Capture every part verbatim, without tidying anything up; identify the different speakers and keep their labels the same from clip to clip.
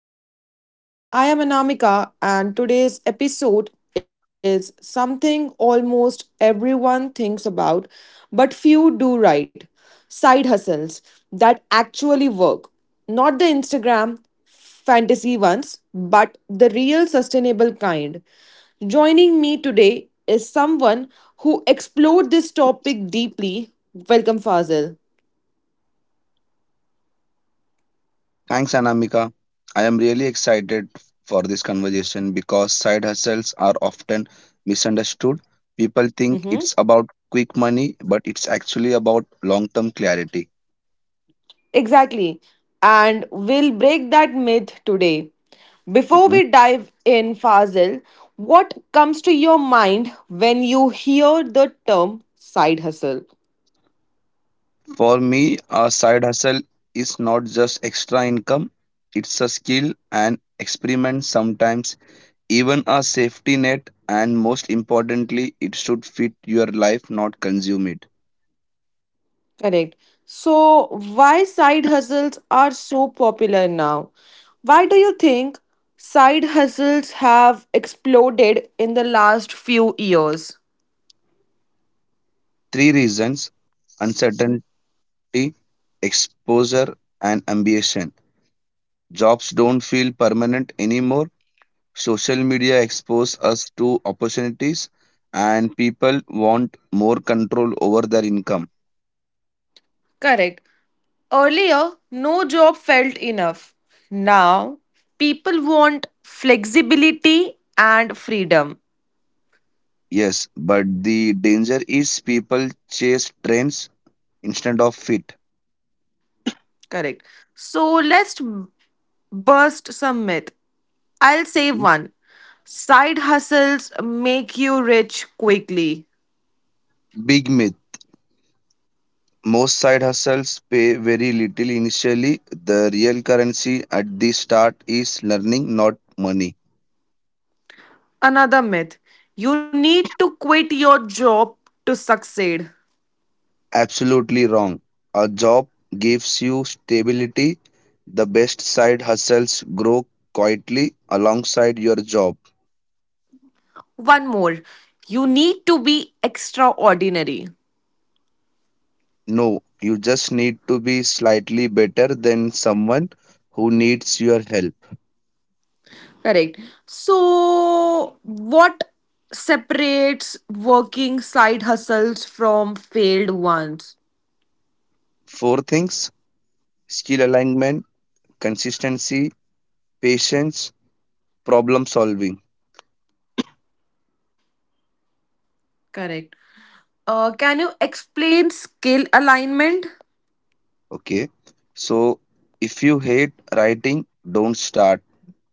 Speaker 1: the podcast. I am Anamika, and today's episode is something almost everyone thinks about, but few do right side hustles that actually work. Not the Instagram fantasy ones, but the real sustainable kind. Joining me today is someone who explored this topic deeply. Welcome, Fazil.
Speaker 2: Thanks, Anamika. I am really excited for this conversation because side hustles are often misunderstood. People think it's about quick money, but it's actually about long term clarity.
Speaker 1: Exactly. And we'll break that myth today. Before we
Speaker 2: Mhm.
Speaker 1: dive in, Fazil, what comes to your mind when you hear the term side hustle?
Speaker 2: For me, a side hustle is not just extra income, it's a skill and experiment sometimes, even a safety net, and most importantly, it should fit your life, not consume it.
Speaker 1: Correct. So, why side hustles are so popular now? Why do you think side hustles have exploded in the last few years?
Speaker 2: Three reasons: uncertain Tea, exposure, and ambition. Jobs don't feel permanent anymore. Social media expose us to opportunities, and people want more control over their income.
Speaker 1: Correct. Earlier, no job felt enough. Now, people want flexibility and freedom.
Speaker 2: Yes, but the danger is people chase trends instead of fit.
Speaker 1: Correct. So, let's burst some myth. I'll say one side hustles make you rich quickly.
Speaker 2: Big myth. Most side hustles pay very little initially. The real currency at the start is learning, not money.
Speaker 1: Another myth you need to quit your job to succeed.
Speaker 2: Absolutely wrong. A job gives you stability. The best side hustles grow quietly alongside your job.
Speaker 1: One more you need to be extraordinary.
Speaker 2: No, you just need to be slightly better than someone who needs your help.
Speaker 1: Correct. So, what separates working side hustles from failed ones?
Speaker 2: Four things: skill alignment, consistency, patience, problem solving.
Speaker 1: Correct. Uh, can you explain skill alignment?
Speaker 2: Okay, so if you hate writing, don't start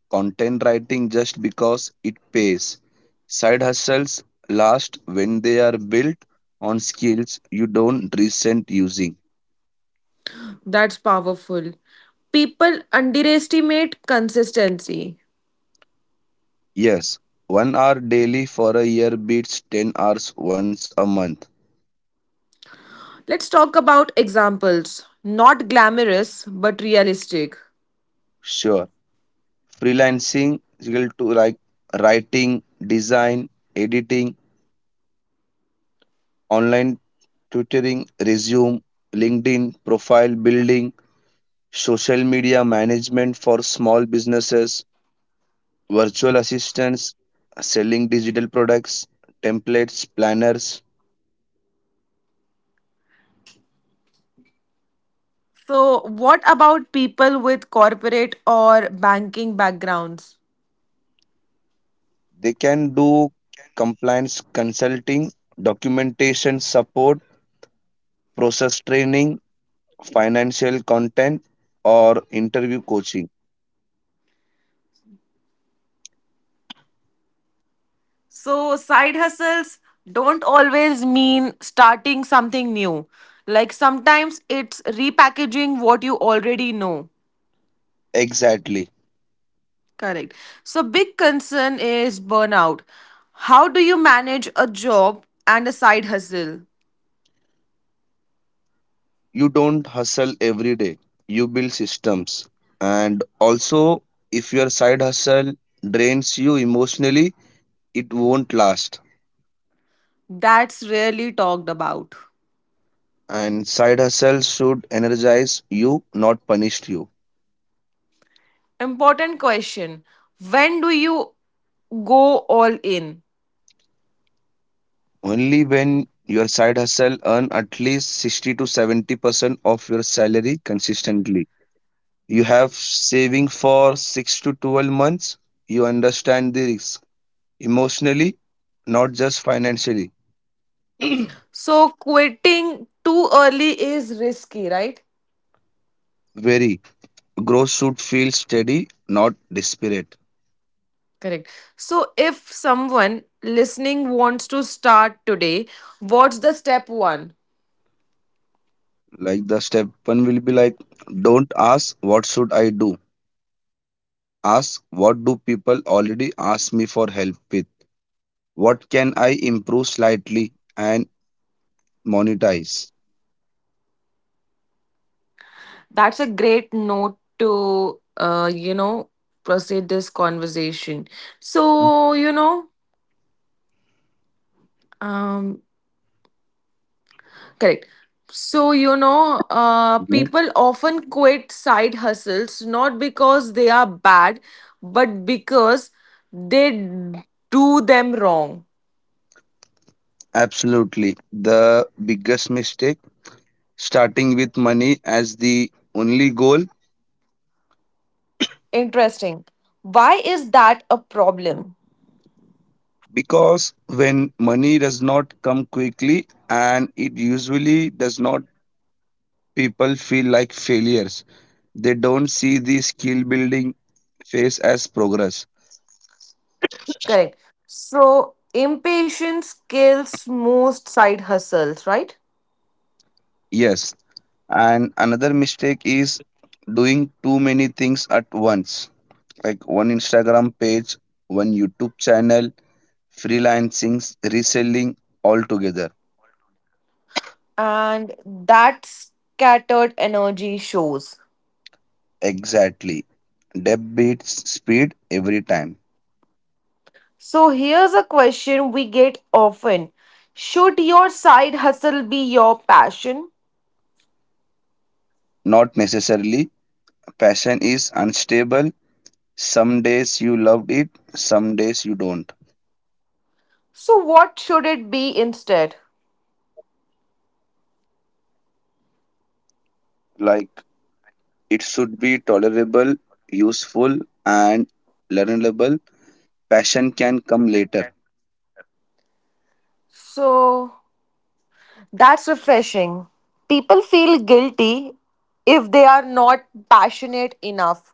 Speaker 2: content writing just because it pays. Side hustles last when they are built on skills you don't resent using.
Speaker 1: That's powerful. People underestimate consistency.
Speaker 2: Yes, one hour daily for a year beats ten hours once a month.
Speaker 1: Let's talk about examples. Not glamorous, but realistic.
Speaker 2: Sure, freelancing will to like writing, design, editing, online tutoring, resume, LinkedIn profile building, social media management for small businesses, virtual assistants, selling digital products, templates, planners.
Speaker 1: So, what about people with corporate or banking backgrounds?
Speaker 2: They can do compliance consulting, documentation support, process training, financial content, or interview coaching.
Speaker 1: So, side hustles don't always mean starting something new. Like sometimes it's repackaging what you already know.
Speaker 2: Exactly.
Speaker 1: Correct. So, big concern is burnout. How do you manage a job and a side hustle?
Speaker 2: You don't hustle every day, you build systems. And also, if your side hustle drains you emotionally, it won't last.
Speaker 1: That's rarely talked about.
Speaker 2: And side hustle should energize you, not punish you.
Speaker 1: Important question. When do you go all in?
Speaker 2: Only when your side hustle earn at least sixty to seventy percent of your salary consistently. You have saving for six to twelve months. You understand the risk emotionally, not just financially.
Speaker 1: So, quitting too early is risky, right?
Speaker 2: Very growth should feel steady, not desperate.
Speaker 1: Correct. So, if someone listening wants to start today, what's the step one?
Speaker 2: Like the step one will be like, don't ask what should I do. Ask what do people already ask me for help with. What can I improve slightly and monetize?
Speaker 1: That's a great note to, uh, you know, proceed this conversation. So, you know, um, Correct. So, you know, uh,
Speaker 2: Mhm.
Speaker 1: people often quit side hustles not because they are bad, but because they do them wrong.
Speaker 2: Absolutely. The biggest mistake: starting with money as the only goal.
Speaker 1: Interesting. Why is that a problem?
Speaker 2: Because when money does not come quickly, and it usually does not, people feel like failures. They don't see the skill building phase as progress.
Speaker 1: Correct. So impatience kills most side hustles, right?
Speaker 2: Yes. And another mistake is doing too many things at once. Like one Instagram page, one YouTube channel, freelancing, reselling all together.
Speaker 1: And that scattered energy shows.
Speaker 2: Exactly. Depth beats speed every time.
Speaker 1: So here's a question we get often. Should your side hustle be your passion?
Speaker 2: Not necessarily. Passion is unstable. Some days you loved it, some days you don't.
Speaker 1: So what should it be instead?
Speaker 2: Like, it should be tolerable, useful, and learnable. Passion can come later.
Speaker 1: So that's refreshing. People feel guilty if they are not passionate enough.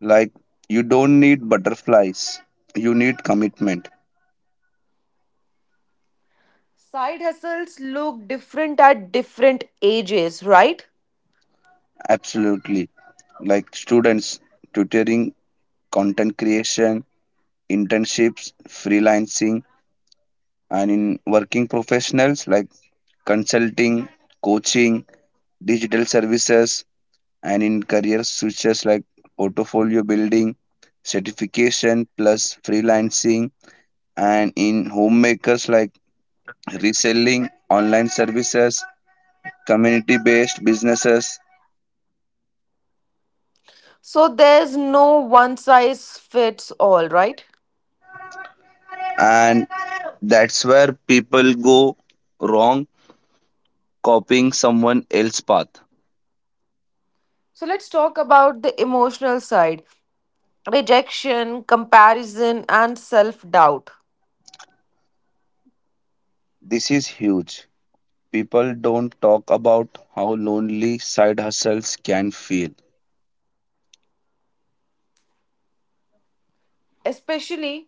Speaker 2: Like, you don't need butterflies, you need commitment.
Speaker 1: Side hustles look different at different ages, right?
Speaker 2: Absolutely. Like, students, tutoring, content creation, internships, freelancing, and in working professionals like consulting, coaching, digital services, and in career switches like portfolio building, certification plus freelancing, and in homemakers like reselling, online services, community based businesses,
Speaker 1: So there's no one size fits all, right?
Speaker 2: and that's where people go wrong copying someone else's path.
Speaker 1: So let's talk about the emotional side rejection, comparison, and self doubt,
Speaker 2: This is huge. People don't talk about how lonely side hustles can feel.
Speaker 1: especially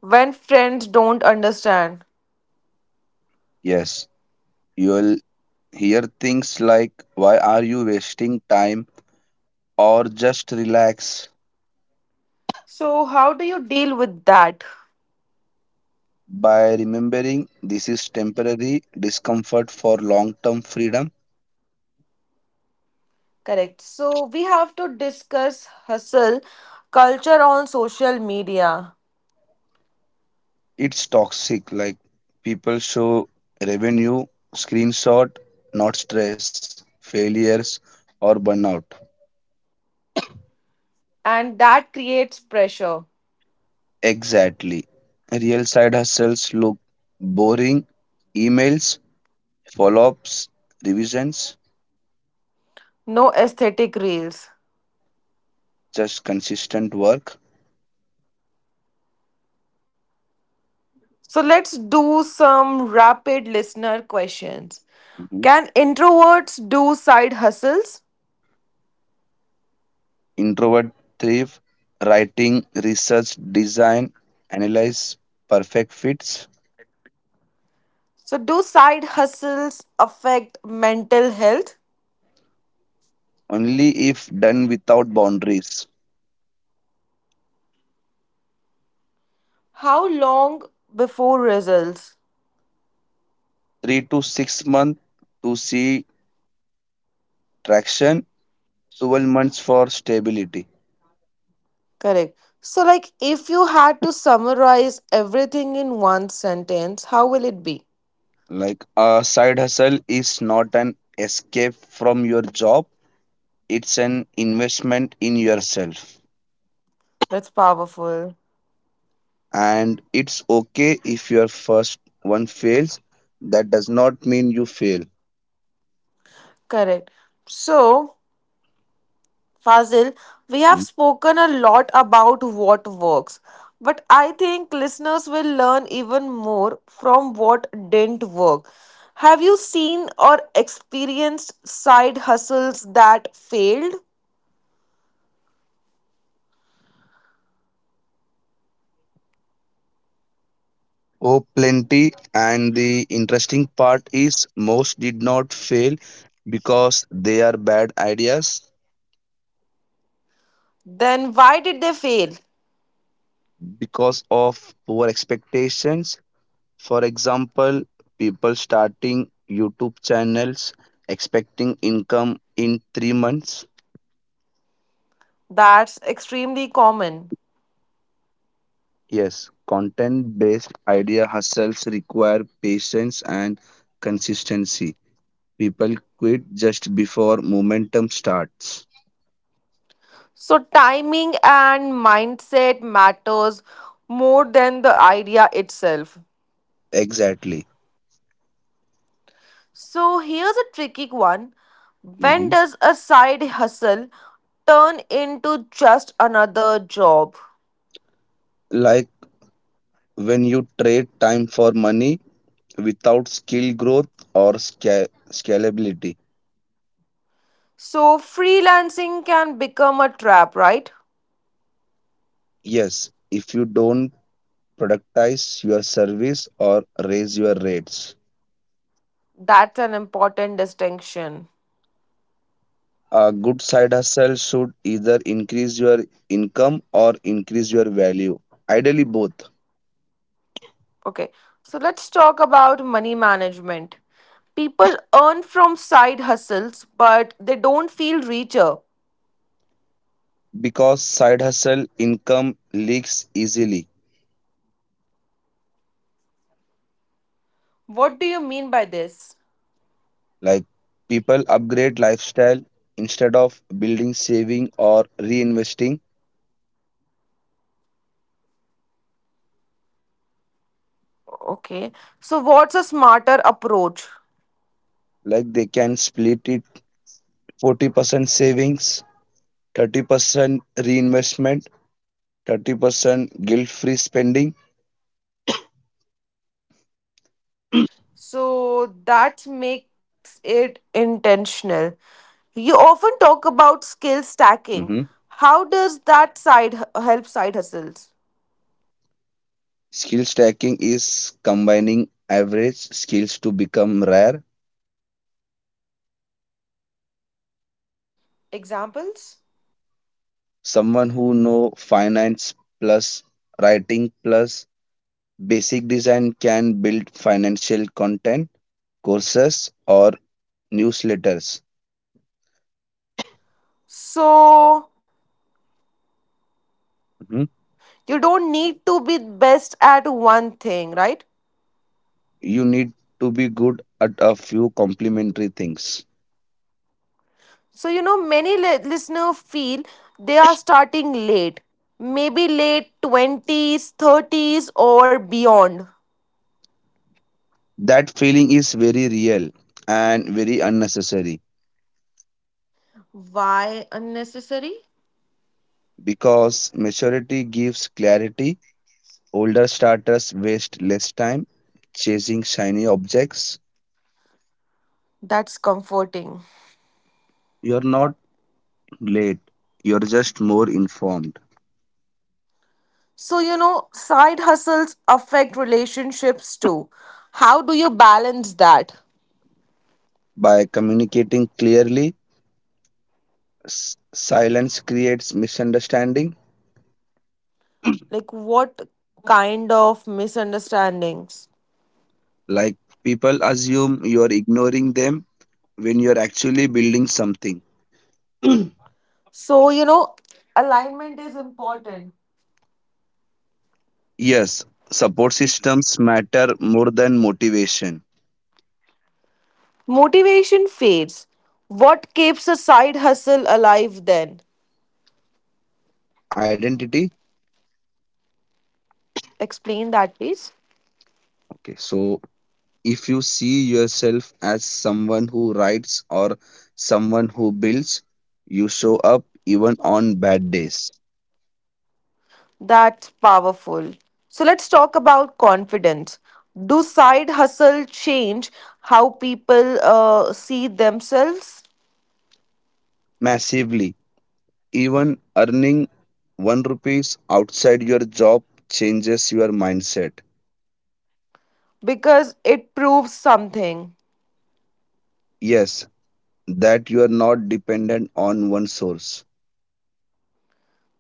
Speaker 1: when friends don't understand.
Speaker 2: Yes, you'll hear things like, "Why are you wasting time?" or "just relax."
Speaker 1: So, how do you deal with that?
Speaker 2: By remembering this is temporary discomfort for long term freedom.
Speaker 1: Correct. So, we have to discuss hustle culture on social media,
Speaker 2: It's toxic. Like people show revenue, screenshot, not stress, failures, or burnout.
Speaker 1: and that creates pressure.
Speaker 2: Exactly. Real side hustles look boring: emails, follow-ups, revisions,
Speaker 1: No aesthetic reels.
Speaker 2: just consistent work.
Speaker 1: So let's do some rapid listener questions.
Speaker 2: Mhm.
Speaker 1: Can introverts do side hustles?
Speaker 2: Introvert thrive, writing, research, design, analyze, perfect fits.
Speaker 1: So, do side hustles affect mental health?
Speaker 2: Only if done without boundaries.
Speaker 1: How long before results?
Speaker 2: Three to six months to see traction, twelve months for stability.
Speaker 1: Correct. So, like, if you had to summarize everything in one sentence, how will it be?
Speaker 2: Like a side hustle is not an escape from your job, it's an investment in yourself.
Speaker 1: That's powerful.
Speaker 2: And it's okay if your first one fails, that does not mean you fail.
Speaker 1: Correct. So, Fazil, we have
Speaker 2: Mm.
Speaker 1: spoken a lot about what works, but I think listeners will learn even more from what didn't work. Have you seen or experienced side hustles that failed?
Speaker 2: Oh plenty, and the interesting part is most did not fail because they are bad ideas.
Speaker 1: Then why did they fail?
Speaker 2: Because of poor expectations, for example people starting youtube channels expecting income in three months.
Speaker 1: That's extremely common.
Speaker 2: Yes, content based idea hustles require patience and consistency. People quit just before momentum starts.
Speaker 1: So timing and mindset matters more than the idea itself.
Speaker 2: Exactly.
Speaker 1: So here's a tricky one. When
Speaker 2: Mhm.
Speaker 1: does a side hustle turn into just another job?
Speaker 2: Like when you trade time for money without skill growth or sca- scalability.
Speaker 1: So freelancing can become a trap, right?
Speaker 2: Yes, if you don't productize your service or raise your rates.
Speaker 1: That's an important distinction.
Speaker 2: A good side hustle should either increase your income or increase your value. Ideally, both.
Speaker 1: Okay, so let's talk about money management. People earn from side hustles, but they don't feel richer.
Speaker 2: Because side hustle income leaks easily.
Speaker 1: What do you mean by this?
Speaker 2: Like people upgrade lifestyle instead of building saving or reinvesting.
Speaker 1: Okay, so what's a smarter approach?
Speaker 2: Like they can split it forty percent savings, thirty percent reinvestment, thirty percent guilt free spending.
Speaker 1: So that makes it intentional. You often talk about skill stacking.
Speaker 2: Mhm.
Speaker 1: How does that side h- help side hustles?
Speaker 2: Skill stacking is combining average skills to become rare.
Speaker 1: Examples?
Speaker 2: Someone who know finance plus writing plus Basic design can build financial content, courses, or newsletters.
Speaker 1: So
Speaker 2: Mhm.
Speaker 1: you don't need to be best at one thing, right?
Speaker 2: You need to be good at a few complementary things.
Speaker 1: So you know many li- listeners feel they are starting late. Maybe late twenties, thirties or beyond.
Speaker 2: That feeling is very real and very unnecessary.
Speaker 1: Why unnecessary?
Speaker 2: Because maturity gives clarity. Older starters waste less time chasing shiny objects.
Speaker 1: That's comforting.
Speaker 2: You're not late, you're just more informed.
Speaker 1: So, you know, side hustles affect relationships too. How do you balance that?
Speaker 2: By communicating clearly, s- silence creates misunderstanding.
Speaker 1: Like, what kind of misunderstandings?
Speaker 2: Like people assume you're ignoring them when you're actually building something.
Speaker 1: So, you know, alignment is important.
Speaker 2: Yes, support systems matter more than motivation.
Speaker 1: Motivation fades. What keeps a side hustle alive then?
Speaker 2: Identity.
Speaker 1: Explain that, please.
Speaker 2: Okay, so if you see yourself as someone who writes or someone who builds, you show up even on bad days.
Speaker 1: That's powerful. So, let's talk about confidence. Do side hustle change how people uh, see themselves?
Speaker 2: Massively. Even earning one rupees outside your job changes your mindset.
Speaker 1: Because it proves something.
Speaker 2: Yes, that you are not dependent on one source.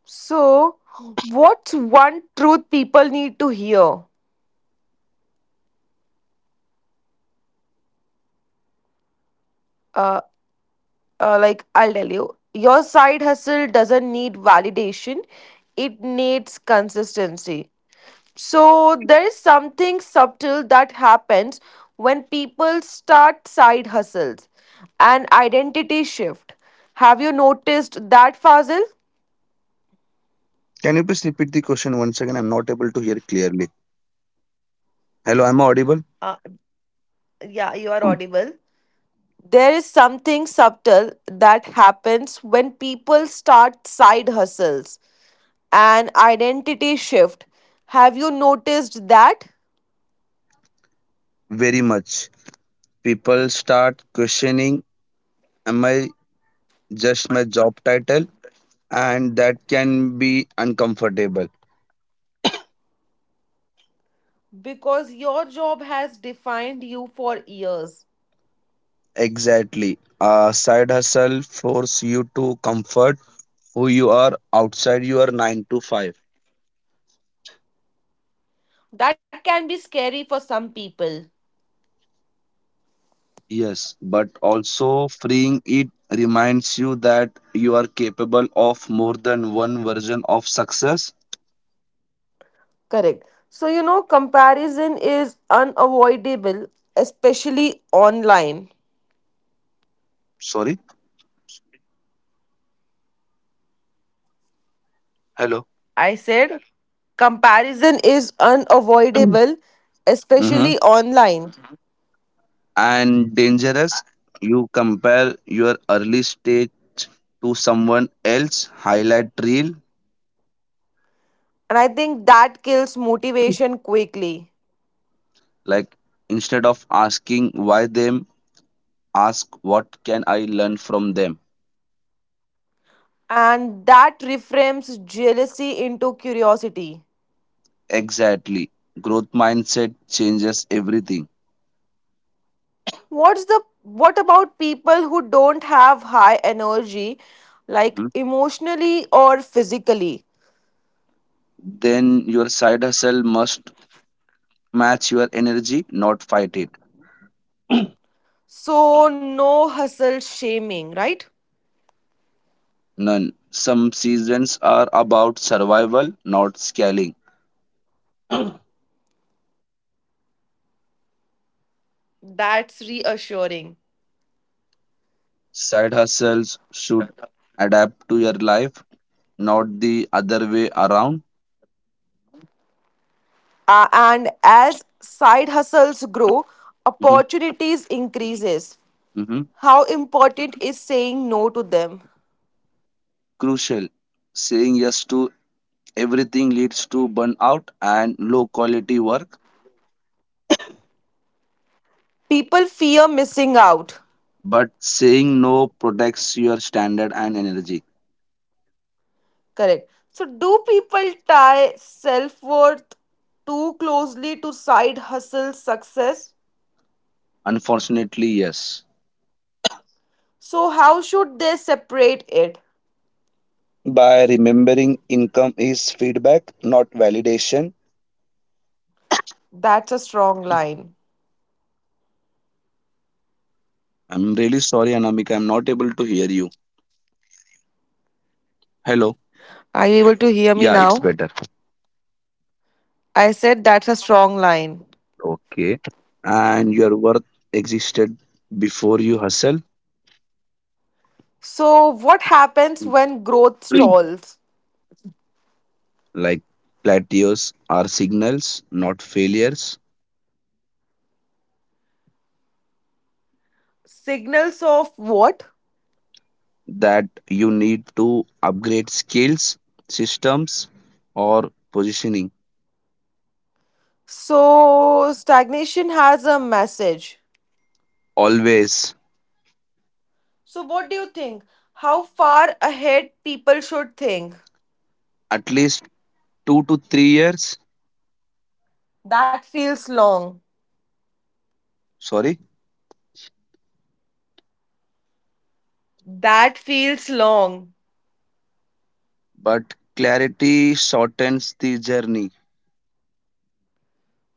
Speaker 1: So, what's one truth people need to hear? Uh, uh, like, I'll tell you, your side hustle doesn't need validation, it needs consistency. So, there is something subtle that happens when people start side hustles an identity shift. Have you noticed that, Fazil?
Speaker 2: Can you please repeat the question once again? I'm not able to hear clearly. Hello, am I audible?
Speaker 1: Uh, yeah, you are audible. There is something subtle that happens when people start side hustles, an identity shift. Have you noticed that?
Speaker 2: Very much. People start questioning, am I just my job title? And that can be uncomfortable.
Speaker 1: Because your job has defined you for years.
Speaker 2: Exactly. Uh, side hustle force you to comfort who you are outside your nine to five.
Speaker 1: That can be scary for some people.
Speaker 2: Yes, but also freeing, it reminds you that you are capable of more than one version of success.
Speaker 1: Correct. So, you know, comparison is unavoidable, especially online.
Speaker 2: Sorry. Hello.
Speaker 1: I said comparison is unavoidable,
Speaker 2: Mm-hmm.
Speaker 1: especially online.
Speaker 2: And dangerous, you compare your early stage to someone else highlight reel.
Speaker 1: And I think that kills motivation quickly.
Speaker 2: Like instead of asking why them, ask what can I learn from them.
Speaker 1: And that reframes jealousy into curiosity.
Speaker 2: Exactly. Growth mindset changes everything.
Speaker 1: What's the what about people who don't have high energy like
Speaker 2: Mhm.
Speaker 1: emotionally or physically?
Speaker 2: Then your side hustle must match your energy, not fight it.
Speaker 1: So no hustle shaming, right?
Speaker 2: None. Some seasons are about survival, not scaling.
Speaker 1: That's reassuring.
Speaker 2: Side hustles should adapt to your life, not the other way around.
Speaker 1: Uh, and as side hustles grow,
Speaker 2: Mhm,
Speaker 1: opportunities increases.
Speaker 2: mhm.
Speaker 1: How important is saying no to them?
Speaker 2: Crucial. Saying yes to everything leads to burnout and low quality work,
Speaker 1: People fear missing out.
Speaker 2: but saying no protects your standard and energy.
Speaker 1: Correct. So, do people tie self worth too closely to side hustle success?
Speaker 2: Unfortunately, yes.
Speaker 1: So, how should they separate it?
Speaker 2: By remembering income is feedback, not validation.
Speaker 1: That's a strong line.
Speaker 2: I'm really sorry, Anamika. I'm not able to hear you. Hello.
Speaker 1: Are you able to hear me
Speaker 2: Yeah, it's
Speaker 1: now?
Speaker 2: better.
Speaker 1: I said that's a strong line.
Speaker 2: Okay. And your worth existed before you hustle.
Speaker 1: So, what happens when growth stalls?
Speaker 2: Like plateaus are signals, not failures,
Speaker 1: Signals of what?
Speaker 2: that you need to upgrade skills, systems, or positioning.
Speaker 1: So, stagnation has a message.
Speaker 2: Always.
Speaker 1: So, what do you think? How far ahead people should think?
Speaker 2: At least two to three years.
Speaker 1: That feels long.
Speaker 2: Sorry,
Speaker 1: That feels long.
Speaker 2: but clarity shortens the journey.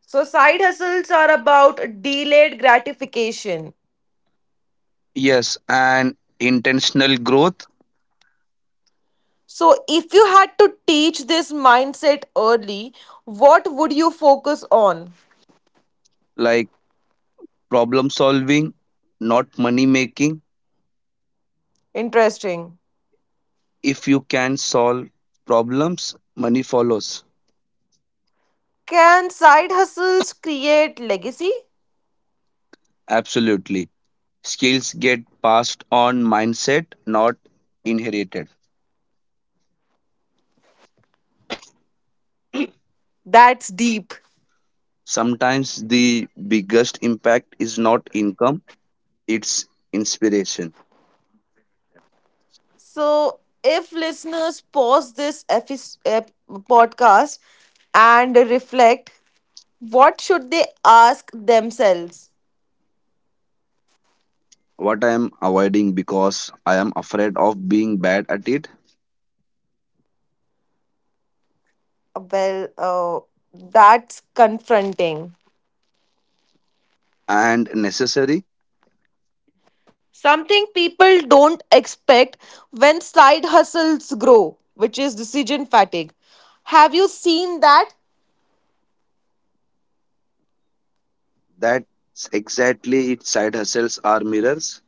Speaker 1: So, side hustles are about delayed gratification.
Speaker 2: Yes, and intentional growth,
Speaker 1: So, if you had to teach this mindset early, what would you focus on?
Speaker 2: like problem solving, not money making.
Speaker 1: Interesting.
Speaker 2: If you can solve problems, money follows.
Speaker 1: Can side hustles create legacy?
Speaker 2: Absolutely. Skills get passed on mindset, not inherited.
Speaker 1: That's deep.
Speaker 2: Sometimes the biggest impact is not income, it's inspiration.
Speaker 1: So, if listeners pause this epi- ep- podcast and reflect, what should they ask themselves?
Speaker 2: What I am avoiding because I am afraid of being bad at it.
Speaker 1: Well, uh, that's confronting.
Speaker 2: And necessary.
Speaker 1: Something people don't expect when side hustles grow, which is decision fatigue. Have you seen that?
Speaker 2: That's exactly it. Side hustles are mirrors.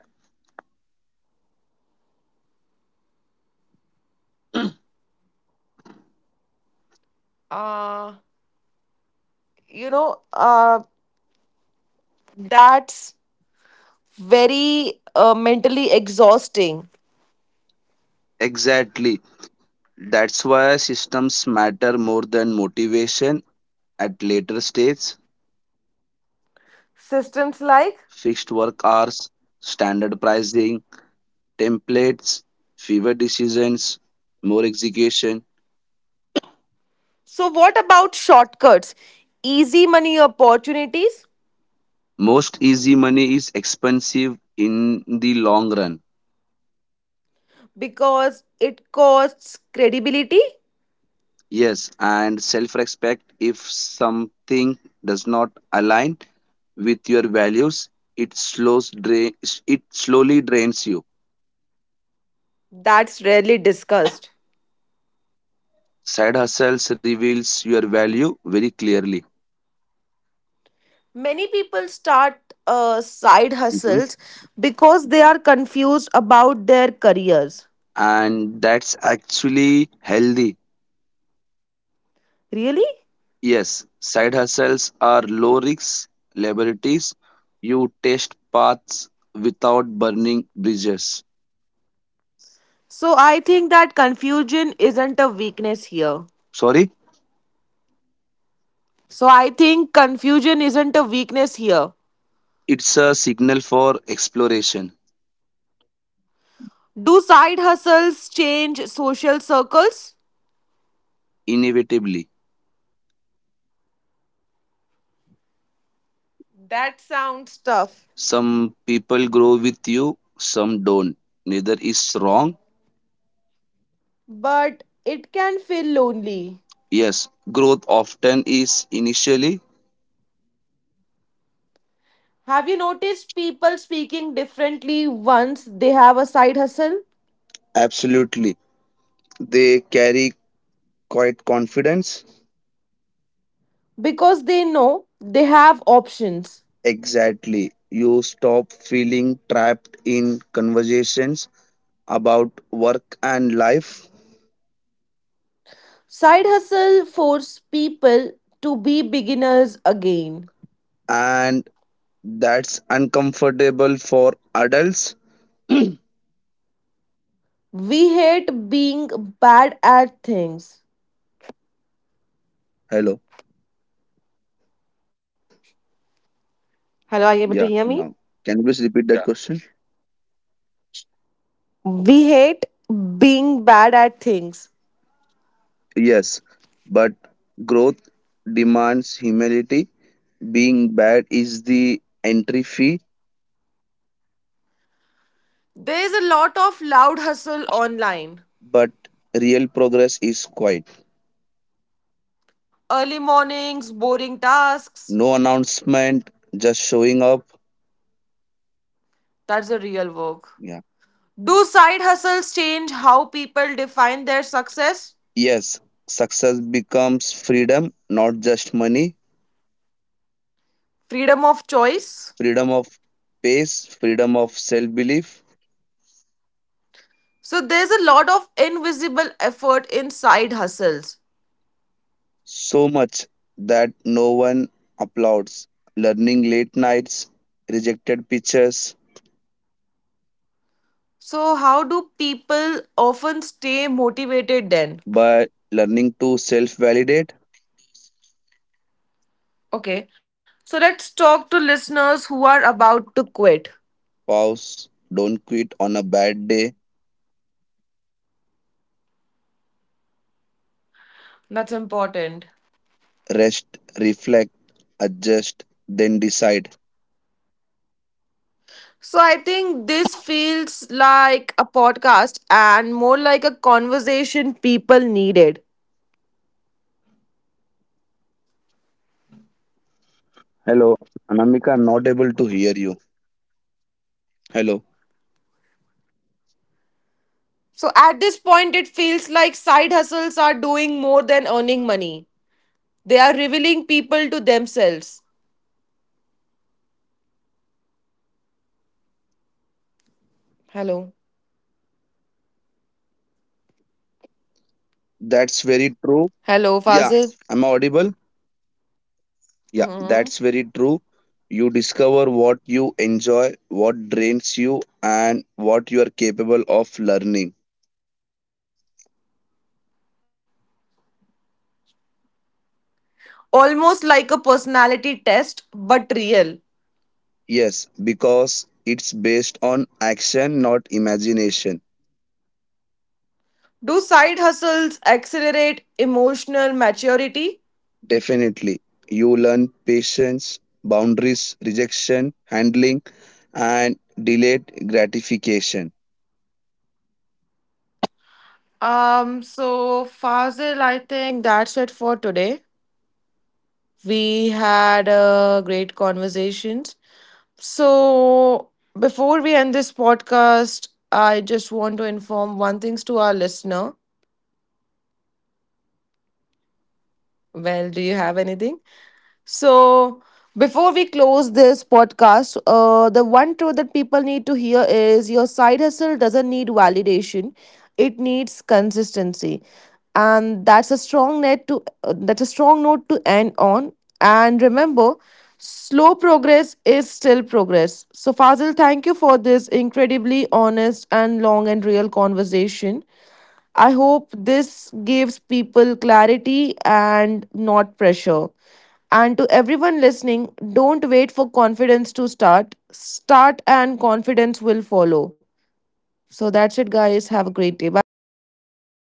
Speaker 1: Uh, you know, uh, that's very uh, mentally exhausting.
Speaker 2: Exactly. That's why systems matter more than motivation at later stages.
Speaker 1: Systems like?
Speaker 2: Fixed work hours, standard pricing, templates, fewer decisions, more execution.
Speaker 1: So, what about shortcuts? Easy money opportunities
Speaker 2: Most easy money is expensive in the long run.
Speaker 1: because it costs credibility?
Speaker 2: Yes, and self respect. If something does not align with your values, it slows drain, it slowly drains you.
Speaker 1: That's rarely discussed.
Speaker 2: Side hustles reveals your value very clearly.
Speaker 1: Many people start uh, side hustles because they are confused about their careers.
Speaker 2: And that's actually healthy.
Speaker 1: Really?
Speaker 2: Yes, side hustles are low risk liabilities. You test paths without burning bridges.
Speaker 1: So I think that confusion isn't a weakness here.
Speaker 2: Sorry,
Speaker 1: So I think confusion isn't a weakness here.
Speaker 2: it's a signal for exploration.
Speaker 1: Do side hustles change social circles?
Speaker 2: Inevitably.
Speaker 1: That sounds tough,
Speaker 2: Some people grow with you, some don't. Neither is wrong.
Speaker 1: but it can feel lonely.
Speaker 2: Yes, growth often is initially.
Speaker 1: Have you noticed people speaking differently once they have a side hustle?
Speaker 2: Absolutely. They carry quite confidence.
Speaker 1: Because they know they have options.
Speaker 2: Exactly. You stop feeling trapped in conversations about work and life,
Speaker 1: Side hustle forces people to be beginners again.
Speaker 2: and that's uncomfortable for adults.
Speaker 1: We hate being bad at things.
Speaker 2: Hello.
Speaker 1: Hello, are you able to
Speaker 2: Yeah,
Speaker 1: hear me?
Speaker 2: now. Can you please repeat that question?
Speaker 1: We hate being bad at things.
Speaker 2: Yes, but growth demands humility. Being bad is the entry fee,
Speaker 1: There is a lot of loud hustle online.
Speaker 2: but real progress is quiet.
Speaker 1: Early mornings, boring tasks.
Speaker 2: No announcement, just showing up.
Speaker 1: That's the real work.
Speaker 2: Yeah.
Speaker 1: Do side hustles change how people define their success?
Speaker 2: Yes, success becomes freedom, not just money,
Speaker 1: Freedom of choice?
Speaker 2: freedom of pace, freedom of self belief,
Speaker 1: So there's a lot of invisible effort in side hustles.
Speaker 2: so much that no one applauds. Learning late nights, rejected pitches,
Speaker 1: So how do people often stay motivated then?
Speaker 2: but learning to self validate.
Speaker 1: Okay. So let's talk to listeners who are about to quit.
Speaker 2: Pause, don't quit on a bad day,
Speaker 1: That's important.
Speaker 2: rest, reflect, adjust, then decide.
Speaker 1: So I think this feels like a podcast and more like a conversation people needed.
Speaker 2: Hello, Anamika, I'm not able to hear you. Hello,
Speaker 1: So at this point it feels like side hustles are doing more than earning money. They are revealing people to themselves. Hello.
Speaker 2: that's very true.
Speaker 1: Hello,
Speaker 2: Yeah,
Speaker 1: Fazil.
Speaker 2: I'm audible. Yeah, that's
Speaker 1: Mhm.
Speaker 2: very true. You discover what you enjoy, what drains you, and what you are capable of learning.
Speaker 1: Almost like a personality test, but real.
Speaker 2: Yes, because it's based on action, not imagination.
Speaker 1: Do side hustles accelerate emotional maturity?
Speaker 2: Definitely. You learn patience, boundaries, rejection, handling, and delayed gratification.
Speaker 1: Um, so Fazil, I think that's it for today. We had a great conversations. So before we end this podcast, I just want to inform one things to our listener.
Speaker 2: Mm-hmm.
Speaker 1: Well, do you have anything? So, before we close this podcast, uh, the one truth that people need to hear is your side hustle doesn't need validation; it needs consistency, and that's a strong net to uh, that's a strong note to end on. And remember, slow progress is still progress. So, Fazil, thank you for this incredibly honest and long and real conversation. I hope this gives people clarity and not pressure. And to everyone listening, don't wait for confidence to start. Start and confidence will follow. So that's it, guys. Have a great day. Bye.